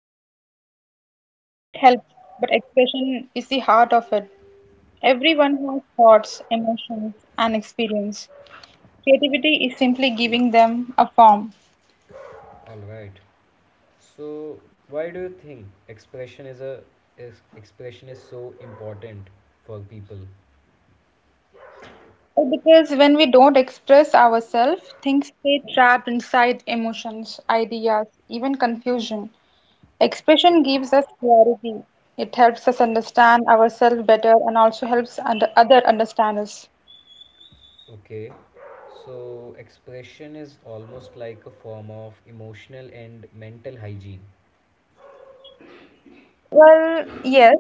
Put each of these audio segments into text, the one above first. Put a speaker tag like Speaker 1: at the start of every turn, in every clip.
Speaker 1: Exactly. Talent helps, but expression is the heart of it. Everyone has thoughts, emotions, and experience. Creativity is simply giving them a form.
Speaker 2: Alright. So, why do you think expression is so important for people?
Speaker 1: Because when we don't express ourselves, things stay trapped inside emotions, ideas, even confusion. Expression gives us clarity. It helps us understand ourselves better and also helps under other understand us.
Speaker 2: Okay, so expression is almost like a form of emotional and mental hygiene.
Speaker 1: Well, yes,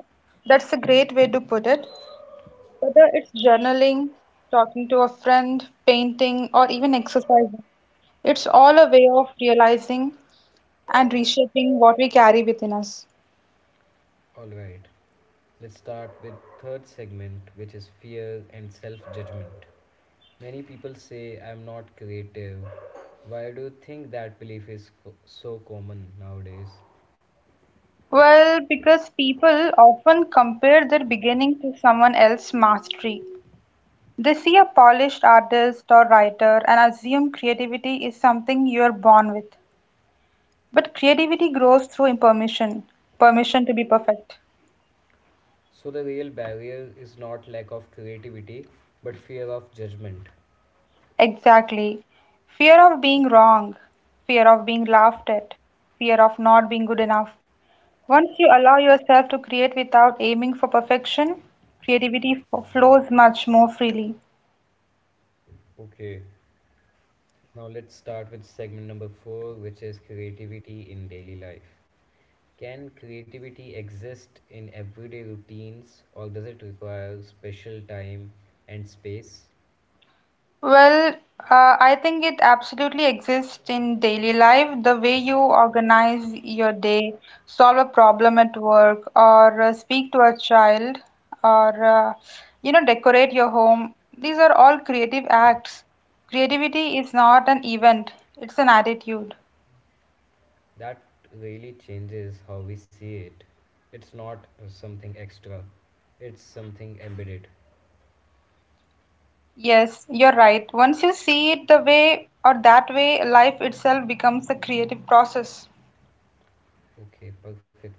Speaker 1: that's a great way to put it. Whether it's journaling, talking to a friend, painting, or even exercising, it's all a way of realizing and reshaping what we carry within us.
Speaker 2: Alright, let's start with third segment, which is fear and self-judgment. Many people say I'm not creative. Why do you think that belief is so common nowadays?
Speaker 1: Well, because people often compare their beginning to someone else's mastery. They see a polished artist or writer and assume creativity is something you are born with. But creativity grows through impermission, permission to be perfect.
Speaker 2: So the real barrier is not lack of creativity but fear of judgment.
Speaker 1: Exactly. Fear of being wrong, fear of being laughed at, fear of not being good enough. Once you allow yourself to create without aiming for perfection, creativity flows much more freely.
Speaker 2: Okay, now let's start with segment number 4, which is creativity in daily life. Can creativity exist in everyday routines, or does it require special time and space?
Speaker 1: Well, I think it absolutely exists in daily life. The way you organize your day, solve a problem at work, or speak to a child, or decorate your home. These are all creative acts. Creativity is not an event, it's an attitude.
Speaker 2: That really changes how we see it. It's not something extra, it's something embedded.
Speaker 1: Yes, you're right. Once you see it the way or that way, life itself becomes a creative process.
Speaker 2: Okay, perfect.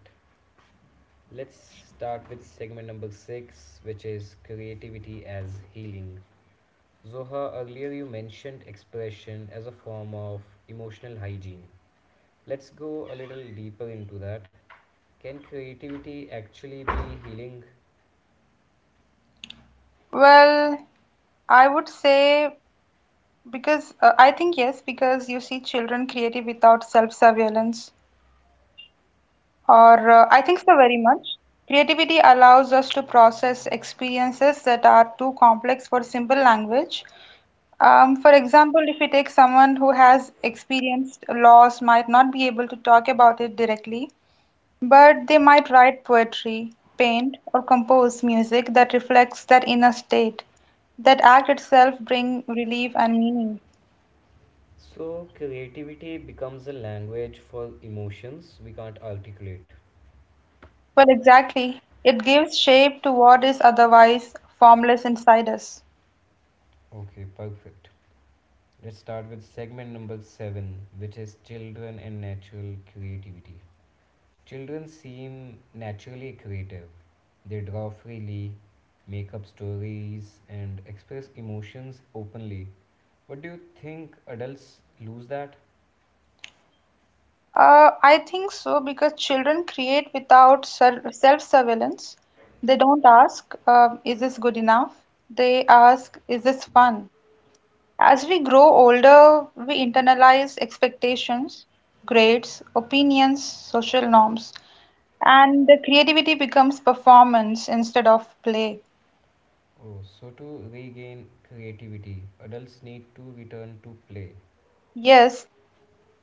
Speaker 2: Let's start with segment number six, which is creativity as healing. Zoha, earlier you mentioned expression as a form of emotional hygiene. Let's go a little deeper into that. Can creativity actually be healing?
Speaker 1: Well, I would say. Because I think yes, because you see children creative without self-surveillance, or I think so very much. Creativity allows us to process experiences that are too complex for simple language. For example, if we take someone who has experienced loss, might not be able to talk about it directly, but they might write poetry, paint, or compose music that reflects that inner state. That act itself bring relief and meaning.
Speaker 2: So, creativity becomes a language for emotions we can't articulate.
Speaker 1: Well, exactly. It gives shape to what is otherwise formless inside us.
Speaker 2: Okay, perfect. Let's start with segment number seven, which is children and natural creativity. Children seem naturally creative. They draw freely, make up stories, and express emotions openly. But do you think adults lose that?
Speaker 1: I think so because children create without self surveillance. They don't ask, is this good enough? They ask, is this fun? As we grow older, we internalize expectations, grades, opinions, social norms, and the creativity becomes performance instead of play.
Speaker 2: Oh, so to regain creativity, adults need to return to play.
Speaker 1: Yes,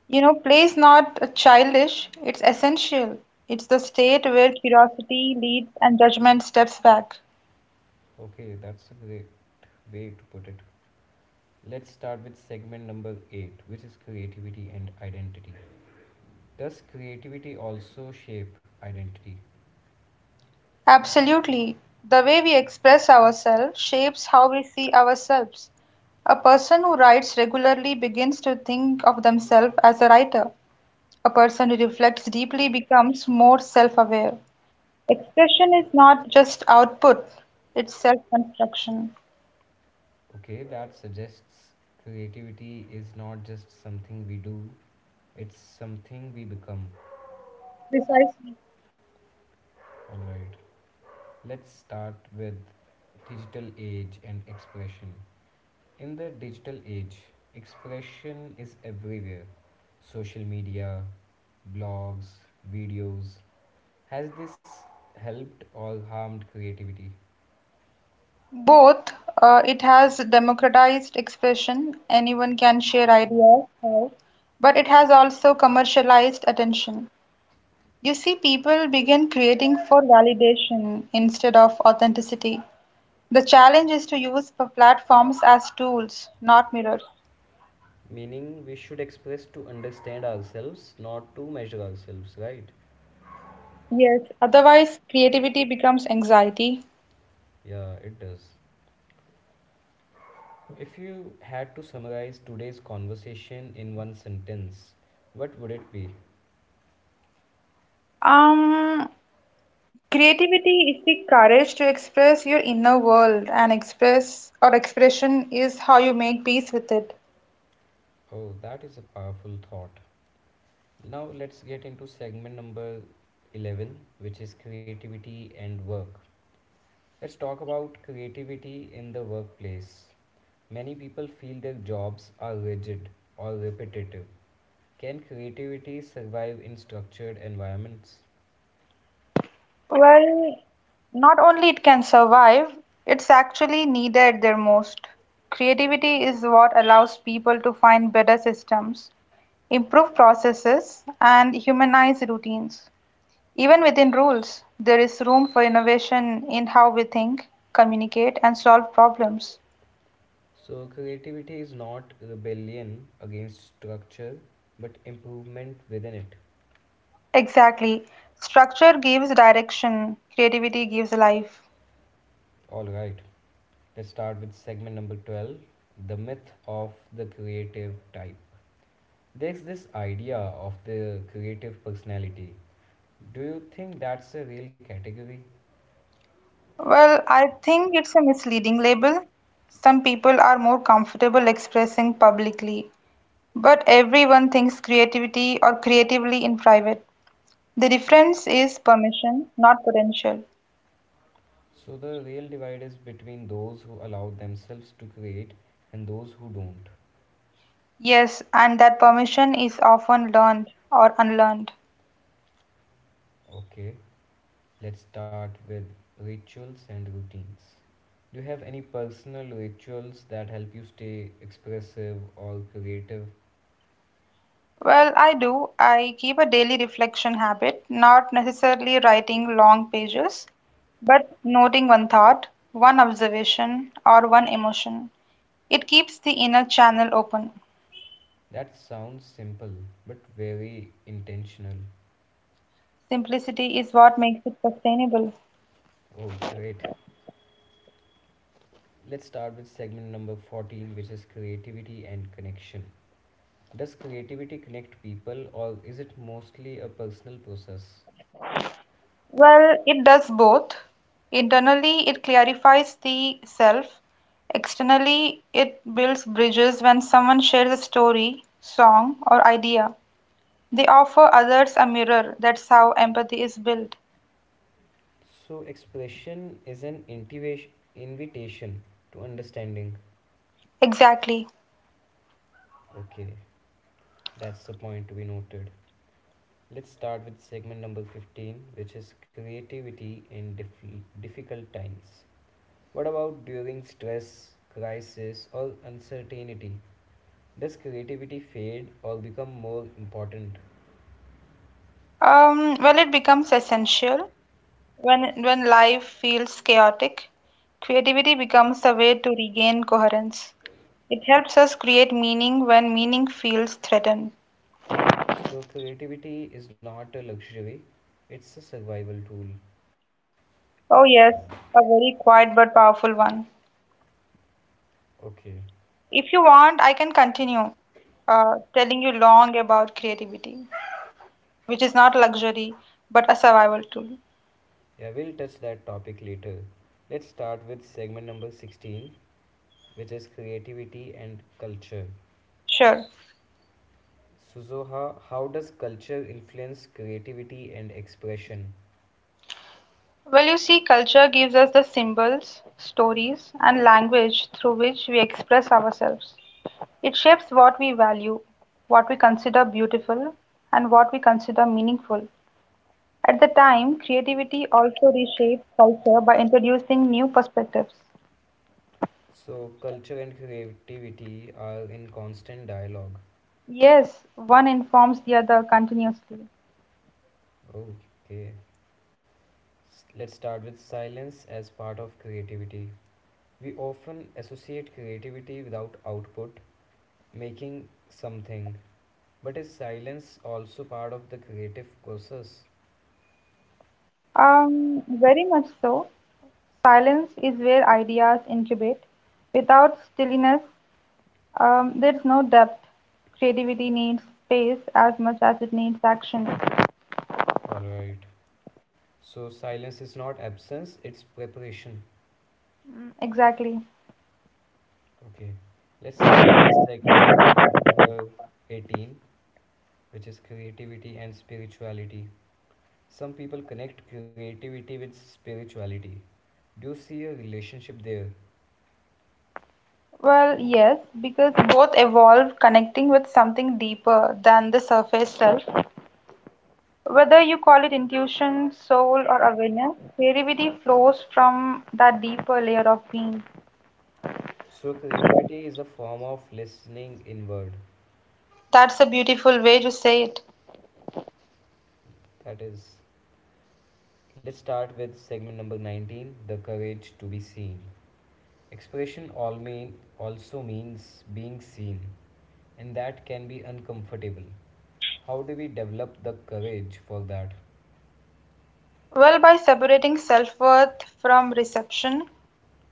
Speaker 1: you know, play is not childish, it's essential. It's the state where curiosity leads and judgment steps back.
Speaker 2: Okay, that's a great way to put it. Let's start with segment number 8, which is creativity and identity. Does creativity also shape identity?
Speaker 1: Absolutely. The way we express ourselves shapes how we see ourselves. A person who writes regularly begins to think of themselves as a writer. A person who reflects deeply becomes more self aware. Expression is not just output, it's self construction.
Speaker 2: Okay, that suggests creativity is not just something we do, it's something we become.
Speaker 1: Precisely.
Speaker 2: Alright, let's start with digital age and expression. In the digital age, expression is everywhere. Social media, blogs, videos. Has this helped or harmed creativity?
Speaker 1: Both, it has democratized expression, anyone can share ideas now, but it has also commercialized attention. You see, people begin creating for validation instead of authenticity. The challenge is to use platforms as tools, not mirrors.
Speaker 2: Meaning we should express to understand ourselves, not to measure ourselves, right?
Speaker 1: Yes, otherwise, creativity becomes anxiety.
Speaker 2: Yeah, it does. If you had to summarize today's conversation in one sentence, what would it be?
Speaker 1: Um, creativity is the courage to express your inner world, and express or expression is how you make peace with it.
Speaker 2: Oh, that is a powerful thought. Now let's get into segment number 11, which is creativity and work. Let's talk about creativity in the workplace. Many people feel their jobs are rigid or repetitive. Can creativity survive in structured environments?
Speaker 1: Well, not only it can survive, it's actually needed their most. Creativity is what allows people to find better systems, improve processes, and humanize routines. Even within rules, there is room for innovation in how we think, communicate, and solve problems.
Speaker 2: So, creativity is not rebellion against structure but improvement within it.
Speaker 1: Exactly. Structure gives direction, creativity gives life.
Speaker 2: Alright, let's start with segment number 12, the myth of the creative type. There's this idea of the creative personality. Do you think that's a real category?
Speaker 1: Well, I think it's a misleading label. Some people are more comfortable expressing publicly, but everyone thinks creativity or creatively in private. The difference is permission, not potential.
Speaker 2: So, the real divide is between those who allow themselves to create and those who don't.
Speaker 1: Yes, and that permission is often learned or unlearned.
Speaker 2: Okay, let's start with rituals and routines. Do you have any personal rituals that help you stay expressive or creative?
Speaker 1: Well, I do. I keep a daily reflection habit, not necessarily writing long pages, but noting one thought, one observation, or one emotion. It keeps the inner channel open.
Speaker 2: That sounds simple but very intentional.
Speaker 1: Simplicity is what makes it sustainable.
Speaker 2: Oh, great. Let's start with segment number 14, which is creativity and connection. Does creativity connect people, or is it mostly a personal process?
Speaker 1: Well, it does both. Internally, it clarifies the self. Externally, it builds bridges when someone shares a story, song, or idea. They offer others a mirror. That's how empathy is built.
Speaker 2: So, expression is an invitation to understanding.
Speaker 1: Exactly.
Speaker 2: Okay, that's the point to be noted. Let's start with segment number 15, which is creativity in difficult times. What about during stress, crisis, or uncertainty? Does creativity fade or become more important?
Speaker 1: Well, it becomes essential when life feels chaotic. Creativity becomes a way to regain coherence. It helps us create meaning when meaning feels threatened.
Speaker 2: So, creativity is not a luxury, it's a survival tool.
Speaker 1: Oh yes, a very quiet but powerful one.
Speaker 2: Okay,
Speaker 1: If you want, I can continue telling you long about creativity, which is not luxury but a survival tool.
Speaker 2: yeah, we'll touch that topic later. Let's start with segment number 16, which is creativity and culture.
Speaker 1: Sure.
Speaker 2: So, Zoha, how does culture influence creativity and expression?
Speaker 1: Well, you see, culture gives us the symbols, stories, and language through which we express ourselves. It shapes what we value, what we consider beautiful, and what we consider meaningful. At the time, creativity also reshapes culture by introducing new perspectives.
Speaker 2: So, culture and creativity are in constant dialogue.
Speaker 1: Yes, one informs the other continuously.
Speaker 2: Okay, let's start with silence as part of creativity. We often associate creativity without output, making something. But is silence also part of the creative process?
Speaker 1: Very much so. Silence is where ideas incubate. Without stillness, there is no depth. Creativity needs space as much as it needs action.
Speaker 2: Alright. So silence is not absence, it's preparation.
Speaker 1: Mm, exactly.
Speaker 2: Okay. Let's start with segment number 18, which is creativity and spirituality. Some people connect creativity with spirituality. Do you see a relationship there?
Speaker 1: Well, yes, because both evolve connecting with something deeper than the surface self. Whether you call it intuition, soul, or awareness, creativity flows from that deeper layer of being.
Speaker 2: So creativity is a form of listening inward.
Speaker 1: That's a beautiful way to say it.
Speaker 2: That is. Let's start with segment number 19, the courage to be seen. Expression also means being seen, and that can be uncomfortable. How do we develop the courage for that?
Speaker 1: Well, by separating self worth from reception,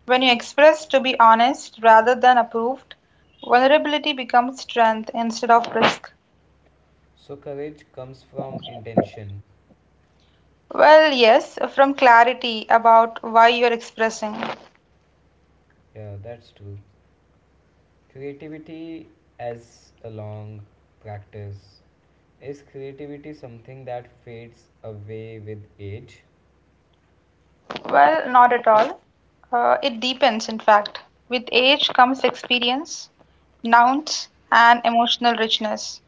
Speaker 1: when you express to be honest rather than approved, vulnerability becomes strength instead of risk.
Speaker 2: So, courage comes from intention.
Speaker 1: Well, yes, from clarity about why you're expressing.
Speaker 2: Yeah, that's true. Creativity as a long practice. Is creativity something that fades away with age?
Speaker 1: Well, not at all. It deepens, in fact. With age comes experience, nouns, and emotional richness.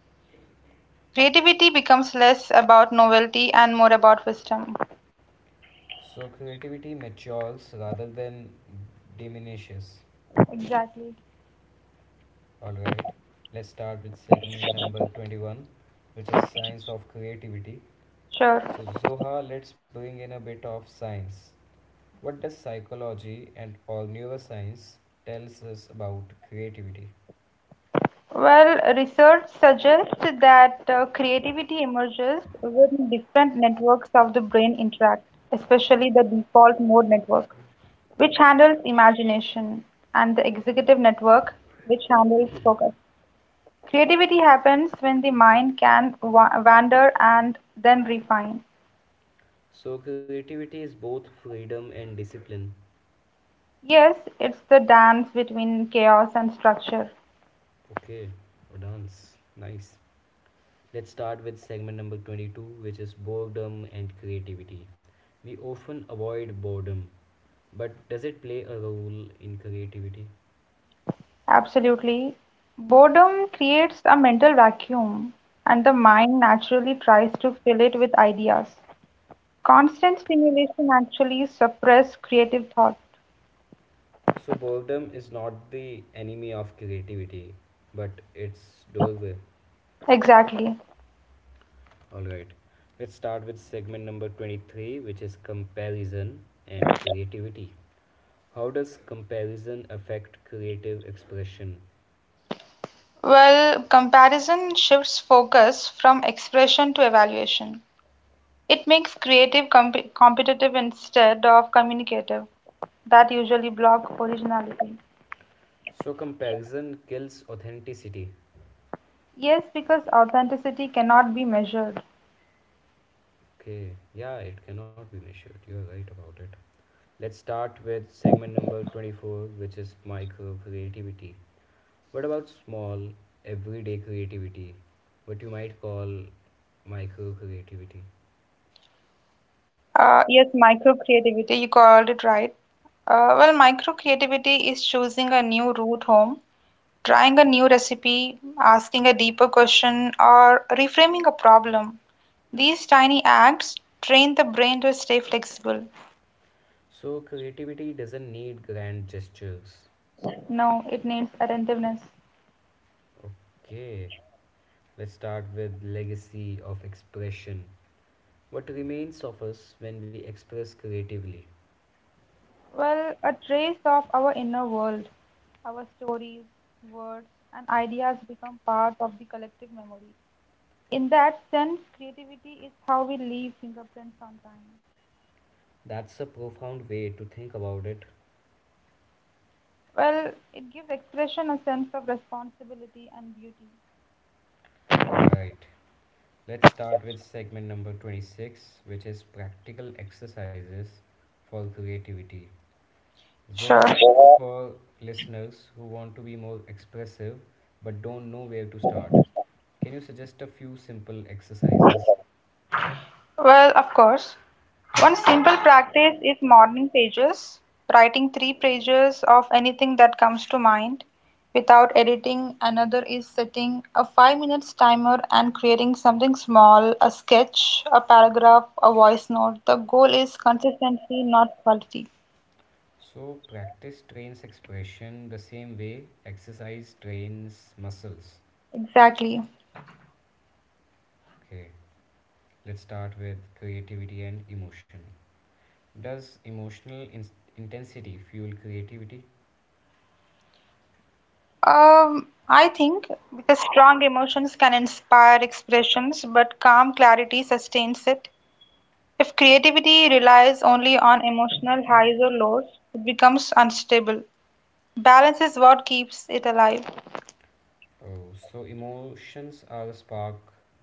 Speaker 1: Creativity becomes less about novelty and more about wisdom.
Speaker 2: So, creativity matures rather than diminishes.
Speaker 1: Exactly.
Speaker 2: Alright, let's start with segment number 21, which is science of creativity.
Speaker 1: Sure.
Speaker 2: So, Zoha, let's bring in a bit of science. What does psychology and or neuroscience tells us about creativity?
Speaker 1: Well, research suggests that creativity emerges when different networks of the brain interact, especially the default mode network, which handles imagination, and the executive network, which handles focus. Creativity happens when the mind can wander and then refine.
Speaker 2: So creativity is both freedom and discipline.
Speaker 1: Yes, it's the dance between chaos and structure.
Speaker 2: Okay, a dance. Nice. Let's start with segment number 22, which is boredom and creativity. We often avoid boredom, but does it play a role in creativity?
Speaker 1: Absolutely. Boredom creates a mental vacuum, and the mind naturally tries to fill it with ideas. Constant stimulation actually suppresses creative thought.
Speaker 2: So boredom is not the enemy of creativity, but its doorway.
Speaker 1: Exactly.
Speaker 2: All right. Let's start with segment number 23, which is comparison and creativity. How does comparison affect creative expression?
Speaker 1: Well, comparison shifts focus from expression to evaluation. It makes creative competitive instead of communicative. That usually blocks originality.
Speaker 2: So comparison kills authenticity.
Speaker 1: Yes, because authenticity cannot be measured.
Speaker 2: Okay, yeah, it cannot be measured. You're right about it. Let's start with segment number 24, which is micro creativity. What about small, everyday creativity? What you might call micro creativity.
Speaker 1: Yes, micro creativity, you called it right. Well, micro creativity is choosing a new route home, trying a new recipe, asking a deeper question, or reframing a problem. These tiny acts train the brain to stay flexible.
Speaker 2: So, creativity doesn't need grand gestures.
Speaker 1: No, it needs attentiveness.
Speaker 2: Okay, let's start with legacy of expression. What remains of us when we express creatively?
Speaker 1: Well, a trace of our inner world, our stories, words, and ideas become part of the collective memory. In that sense, creativity is how we leave fingerprints on time.
Speaker 2: That's a profound way to think about it.
Speaker 1: Well, it gives expression a sense of responsibility and beauty.
Speaker 2: Alright, let's start with segment number 26, which is practical exercises for creativity.
Speaker 1: Sure.
Speaker 2: Zoha, for listeners who want to be more expressive but don't know where to start, can you suggest a few simple exercises?
Speaker 1: Well, of course. One simple practice is morning pages, writing three pages of anything that comes to mind without editing. Another is setting a 5 minutes timer and creating something small, a sketch, a paragraph, a voice note. The goal is consistency, not quality.
Speaker 2: So, practice trains expression the same way exercise trains muscles.
Speaker 1: Exactly.
Speaker 2: Okay, let's start with creativity and emotion. Does emotional intensity fuel creativity?
Speaker 1: I think because strong emotions can inspire expressions, but calm clarity sustains it. If creativity relies only on emotional highs or lows, it becomes unstable. Balance is what keeps it alive.
Speaker 2: Oh, so emotions are the spark,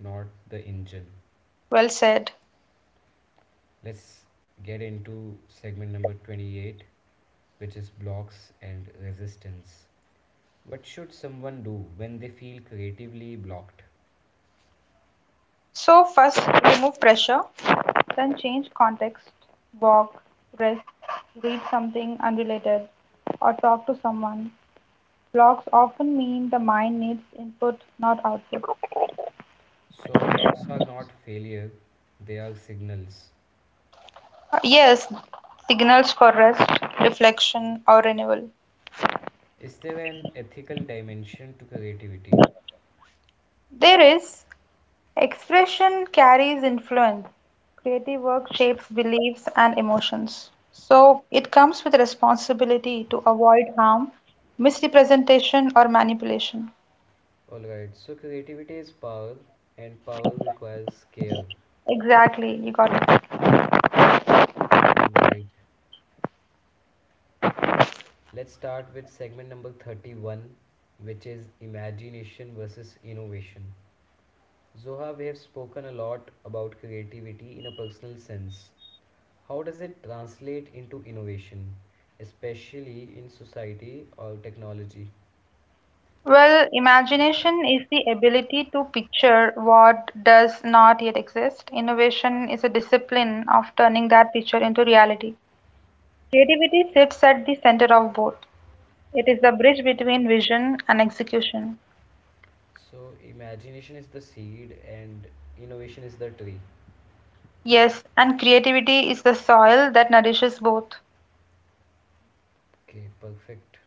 Speaker 2: not the engine.
Speaker 1: Well said.
Speaker 2: Let's get into segment number 28, which is blocks and resistance. What should someone do when they feel creatively blocked?
Speaker 1: So, first, remove pressure, then change context, walk, rest, read something unrelated, or talk to someone. Blocks often mean the mind needs input, not output.
Speaker 2: So, blocks are not failure, they are signals.
Speaker 1: Yes, signals for rest, reflection, or renewal.
Speaker 2: Is there an ethical dimension to creativity?
Speaker 1: There is expression carries influence. Creative work shapes beliefs and emotions. So it comes with responsibility to avoid harm, misrepresentation, or manipulation.
Speaker 2: Alright, so creativity is power, and power requires care.
Speaker 1: Exactly, you got it.
Speaker 2: Alright, let's start with segment number 31, which is imagination versus innovation. Zoha, we have spoken a lot about creativity in a personal sense. How does it translate into innovation, especially in society or technology?
Speaker 1: Well, imagination is the ability to picture what does not yet exist. Innovation is a discipline of turning that picture into reality. Creativity sits at the center of both. It is the bridge between vision and execution.
Speaker 2: So, imagination is the seed and innovation is the tree.
Speaker 1: Yes, and creativity is the soil that nourishes both.
Speaker 2: Okay, perfect.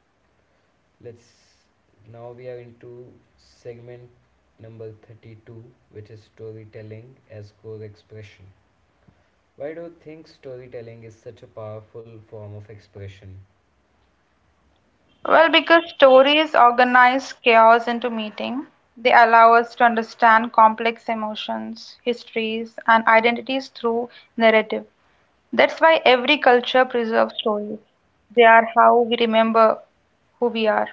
Speaker 2: Let's now we are into segment number 32, which is storytelling as core expression. Why do you think storytelling is such a powerful form of expression?
Speaker 1: Well, because stories organize chaos into meaning, they allow us to understand complex emotions, histories, and identities through narrative. That's why every culture preserves stories. They are how we remember who we are.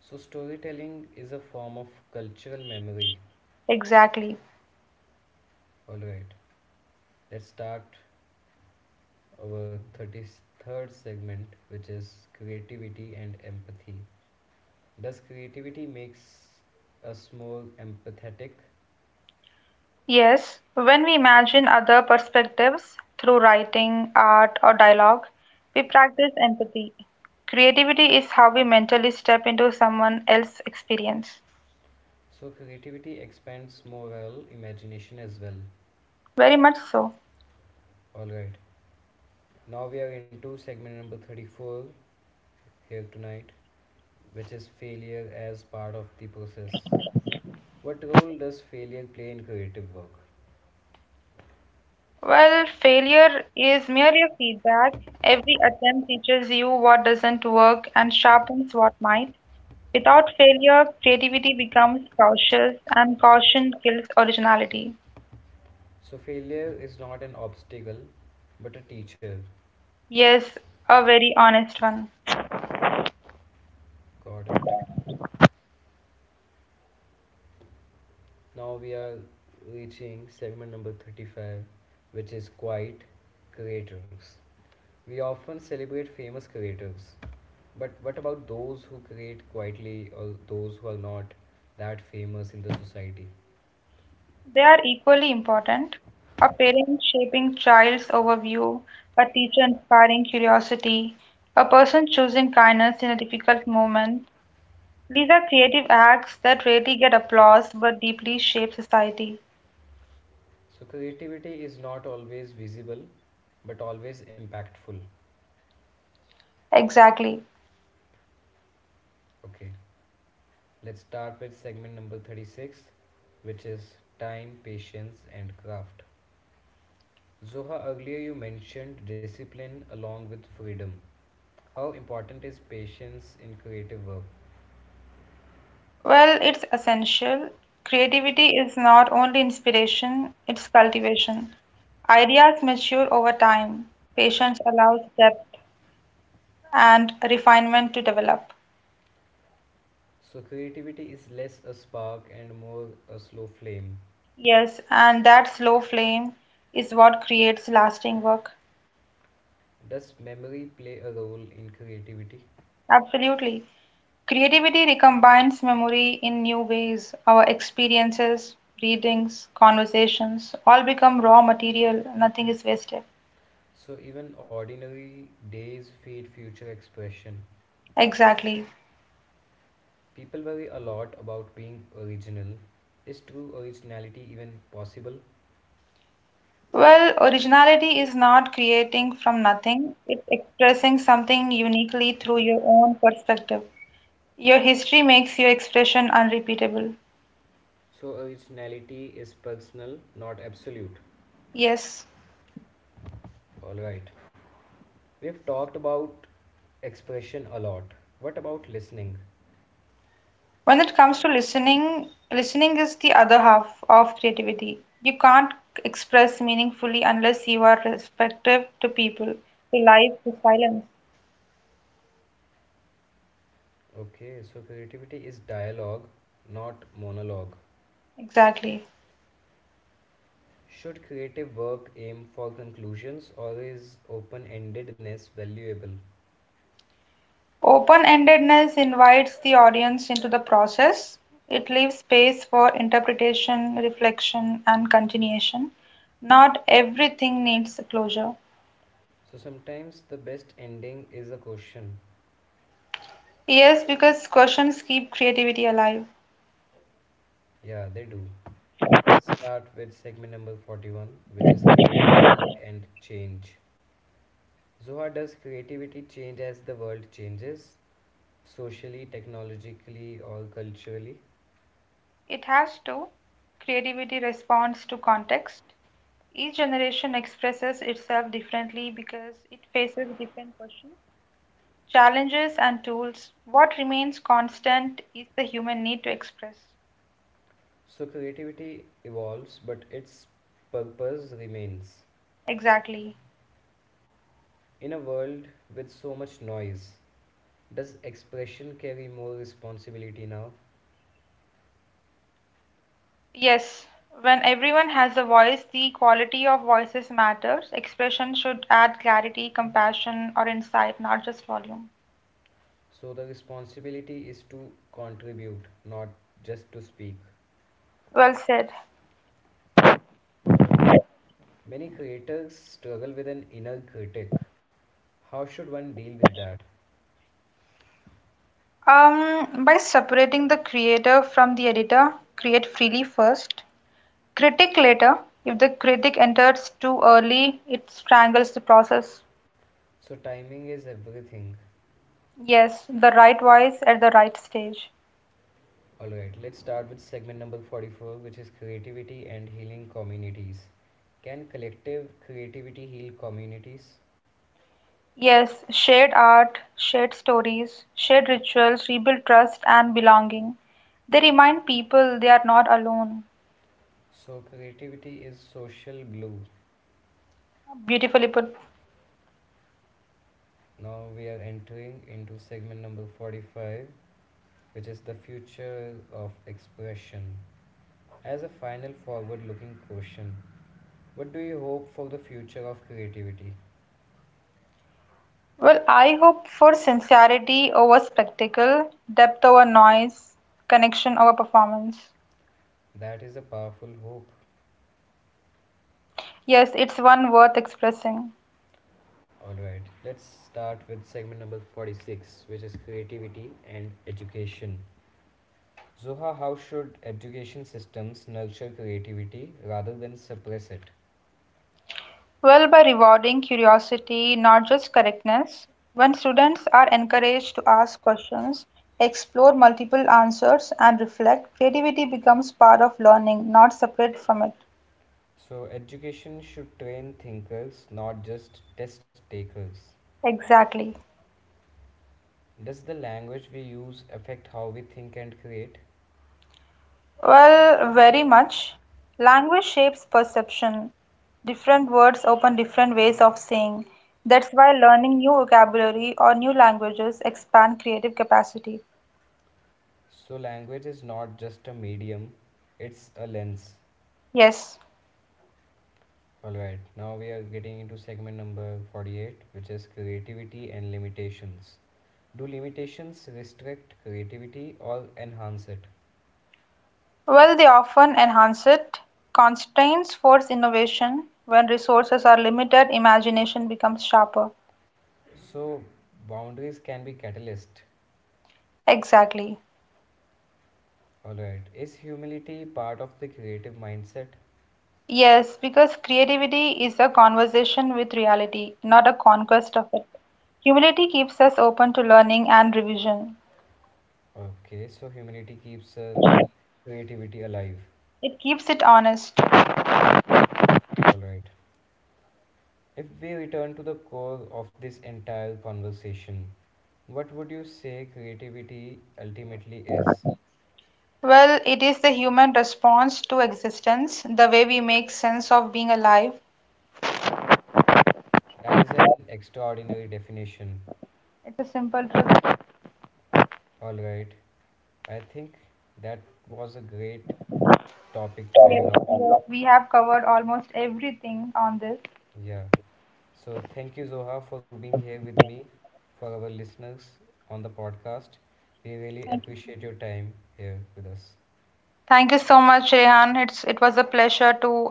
Speaker 2: So, storytelling is a form of cultural memory.
Speaker 1: Exactly.
Speaker 2: Alright, let's start our 33rd segment, which is creativity and empathy. Does creativity makes us more empathetic?
Speaker 1: Yes, when we imagine other perspectives through writing, art, or dialogue, we practice empathy. Creativity is how we mentally step into someone else's experience.
Speaker 2: So creativity expands moral imagination as well.
Speaker 1: Very much so.
Speaker 2: All right. Now we are into segment number 34 here tonight, which is failure as part of the process. What role does failure play in creative work?
Speaker 1: Well, failure is merely a feedback. Every attempt teaches you what doesn't work and sharpens what might. Without failure, creativity becomes cautious, and caution kills originality.
Speaker 2: So failure is not an obstacle, but a teacher.
Speaker 1: Yes, a very honest one.
Speaker 2: Got it. Now we are reaching segment number 35, which is quite creators. We often celebrate famous creators, but what about those who create quietly or those who are not that famous in the society?
Speaker 1: They are equally important. A parent shaping child's overview, a teacher inspiring curiosity, a person choosing kindness in a difficult moment. These are creative acts that rarely get applause but deeply shape society.
Speaker 2: So, creativity is not always visible but always impactful.
Speaker 1: Exactly.
Speaker 2: Okay, let's start with segment number 36, which is time, patience, and craft. Zoha, earlier you mentioned discipline along with freedom. How important is patience in creative work?
Speaker 1: Well, it's essential. Creativity is not only inspiration, it's cultivation. Ideas mature over time. Patience allows depth and refinement to develop.
Speaker 2: So, creativity is less a spark and more a slow flame.
Speaker 1: Yes, and that slow flame is what creates lasting work.
Speaker 2: Does memory play a role in creativity?
Speaker 1: Absolutely. Creativity recombines memory in new ways. Our experiences, readings, conversations all become raw material. Nothing is wasted.
Speaker 2: So, even ordinary days feed future expression.
Speaker 1: Exactly.
Speaker 2: People worry a lot about being original. Is true originality even possible?
Speaker 1: Well, originality is not creating from nothing, it's expressing something uniquely through your own perspective. Your history makes your expression unrepeatable.
Speaker 2: So, originality is personal, not absolute.
Speaker 1: Yes.
Speaker 2: Alright. We've talked about expression a lot. What about listening?
Speaker 1: When it comes to listening, listening is the other half of creativity. You can't express meaningfully unless you are respective to people, to life, to silence.
Speaker 2: Okay, so creativity is dialogue, not monologue.
Speaker 1: Exactly.
Speaker 2: Should creative work aim for conclusions, or is open endedness valuable?
Speaker 1: Open-endedness invites the audience into the process. It leaves space for interpretation, reflection, and continuation. Not everything needs a closure.
Speaker 2: So sometimes the best ending is a question.
Speaker 1: Yes, because questions keep creativity alive.
Speaker 2: Yeah, they do. Let's start with segment number 41, which is creativity and change. Zoha, does creativity change as the world changes, socially, technologically, or culturally?
Speaker 1: It has to. Creativity responds to context. Each generation expresses itself differently because it faces different questions, challenges, and tools. What remains constant is the human need to express.
Speaker 2: So creativity evolves, but its purpose remains.
Speaker 1: Exactly.
Speaker 2: In a world with so much noise, does expression carry more responsibility now?
Speaker 1: Yes, when everyone has a voice, the quality of voices matters. Expression should add clarity, compassion, or insight, not just volume.
Speaker 2: So the responsibility is to contribute, not just to speak.
Speaker 1: Well said.
Speaker 2: Alright. Many creators struggle with an inner critic. How should one deal with that?
Speaker 1: By separating the creator from the editor, create freely first. Critic later, if the critic enters too early, it strangles the process.
Speaker 2: So timing is everything.
Speaker 1: Yes, the right voice at the right stage.
Speaker 2: Alright, let's start with segment number 44, which is creativity and healing communities. Can collective creativity heal communities?
Speaker 1: Yes, shared art, shared stories, shared rituals rebuild trust and belonging. They remind people they are not alone.
Speaker 2: So, creativity is social glue.
Speaker 1: Beautifully put.
Speaker 2: Now we are entering into segment number 45, which is the future of expression. As a final forward looking question, what do you hope for the future of creativity?
Speaker 1: Well, I hope for sincerity over spectacle, depth over noise, connection over performance.
Speaker 2: That is a powerful hope.
Speaker 1: Yes, it's one worth expressing.
Speaker 2: Alright, let's start with segment number 46, which is creativity and education. Zoha, how should education systems nurture creativity rather than suppress it?
Speaker 1: Well, by rewarding curiosity, not just correctness, when students are encouraged to ask questions, explore multiple answers, and reflect, creativity becomes part of learning, not separate from it.
Speaker 2: So, education should train thinkers, not just test takers.
Speaker 1: Exactly.
Speaker 2: Does the language we use affect how we think and create?
Speaker 1: Well, very much. Language shapes perception. Different words open different ways of saying. That's why learning new vocabulary or new languages expand creative capacity.
Speaker 2: So, language is not just a medium, it's a lens.
Speaker 1: Yes.
Speaker 2: Alright, now we are getting into segment number 48, which is creativity and limitations. Do limitations restrict creativity or enhance it?
Speaker 1: Well, they often enhance it. Constraints force innovation. When resources are limited, imagination becomes sharper.
Speaker 2: So, boundaries can be catalyst.
Speaker 1: Exactly.
Speaker 2: Alright, is humility part of the creative mindset?
Speaker 1: Yes, because creativity is a conversation with reality, not a conquest of it. Humility keeps us open to learning and revision.
Speaker 2: Okay, so humility keeps creativity alive.
Speaker 1: It keeps it honest.
Speaker 2: Alright. If we return to the core of this entire conversation, what would you say creativity ultimately is?
Speaker 1: Well, it is the human response to existence, the way we make sense of being alive.
Speaker 2: That is an extraordinary definition.
Speaker 1: It's a simple truth.
Speaker 2: All right. I think that was a great topic to
Speaker 1: Yes,
Speaker 2: end on.
Speaker 1: yes, we have covered almost everything on this.
Speaker 2: Yeah. So thank you, Zoha, for being here with me, for our listeners on the podcast. We really
Speaker 1: Thank you.
Speaker 2: appreciate your time here with us.
Speaker 1: Thank you so much, Rehan. It was a pleasure to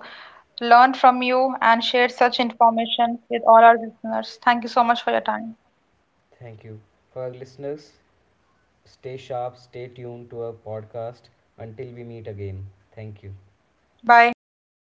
Speaker 1: learn from you and share such information with all our listeners. Thank you so much for your time.
Speaker 2: Thank you. For our listeners, stay sharp, stay tuned to our podcast until we meet again. Thank you.
Speaker 1: Bye.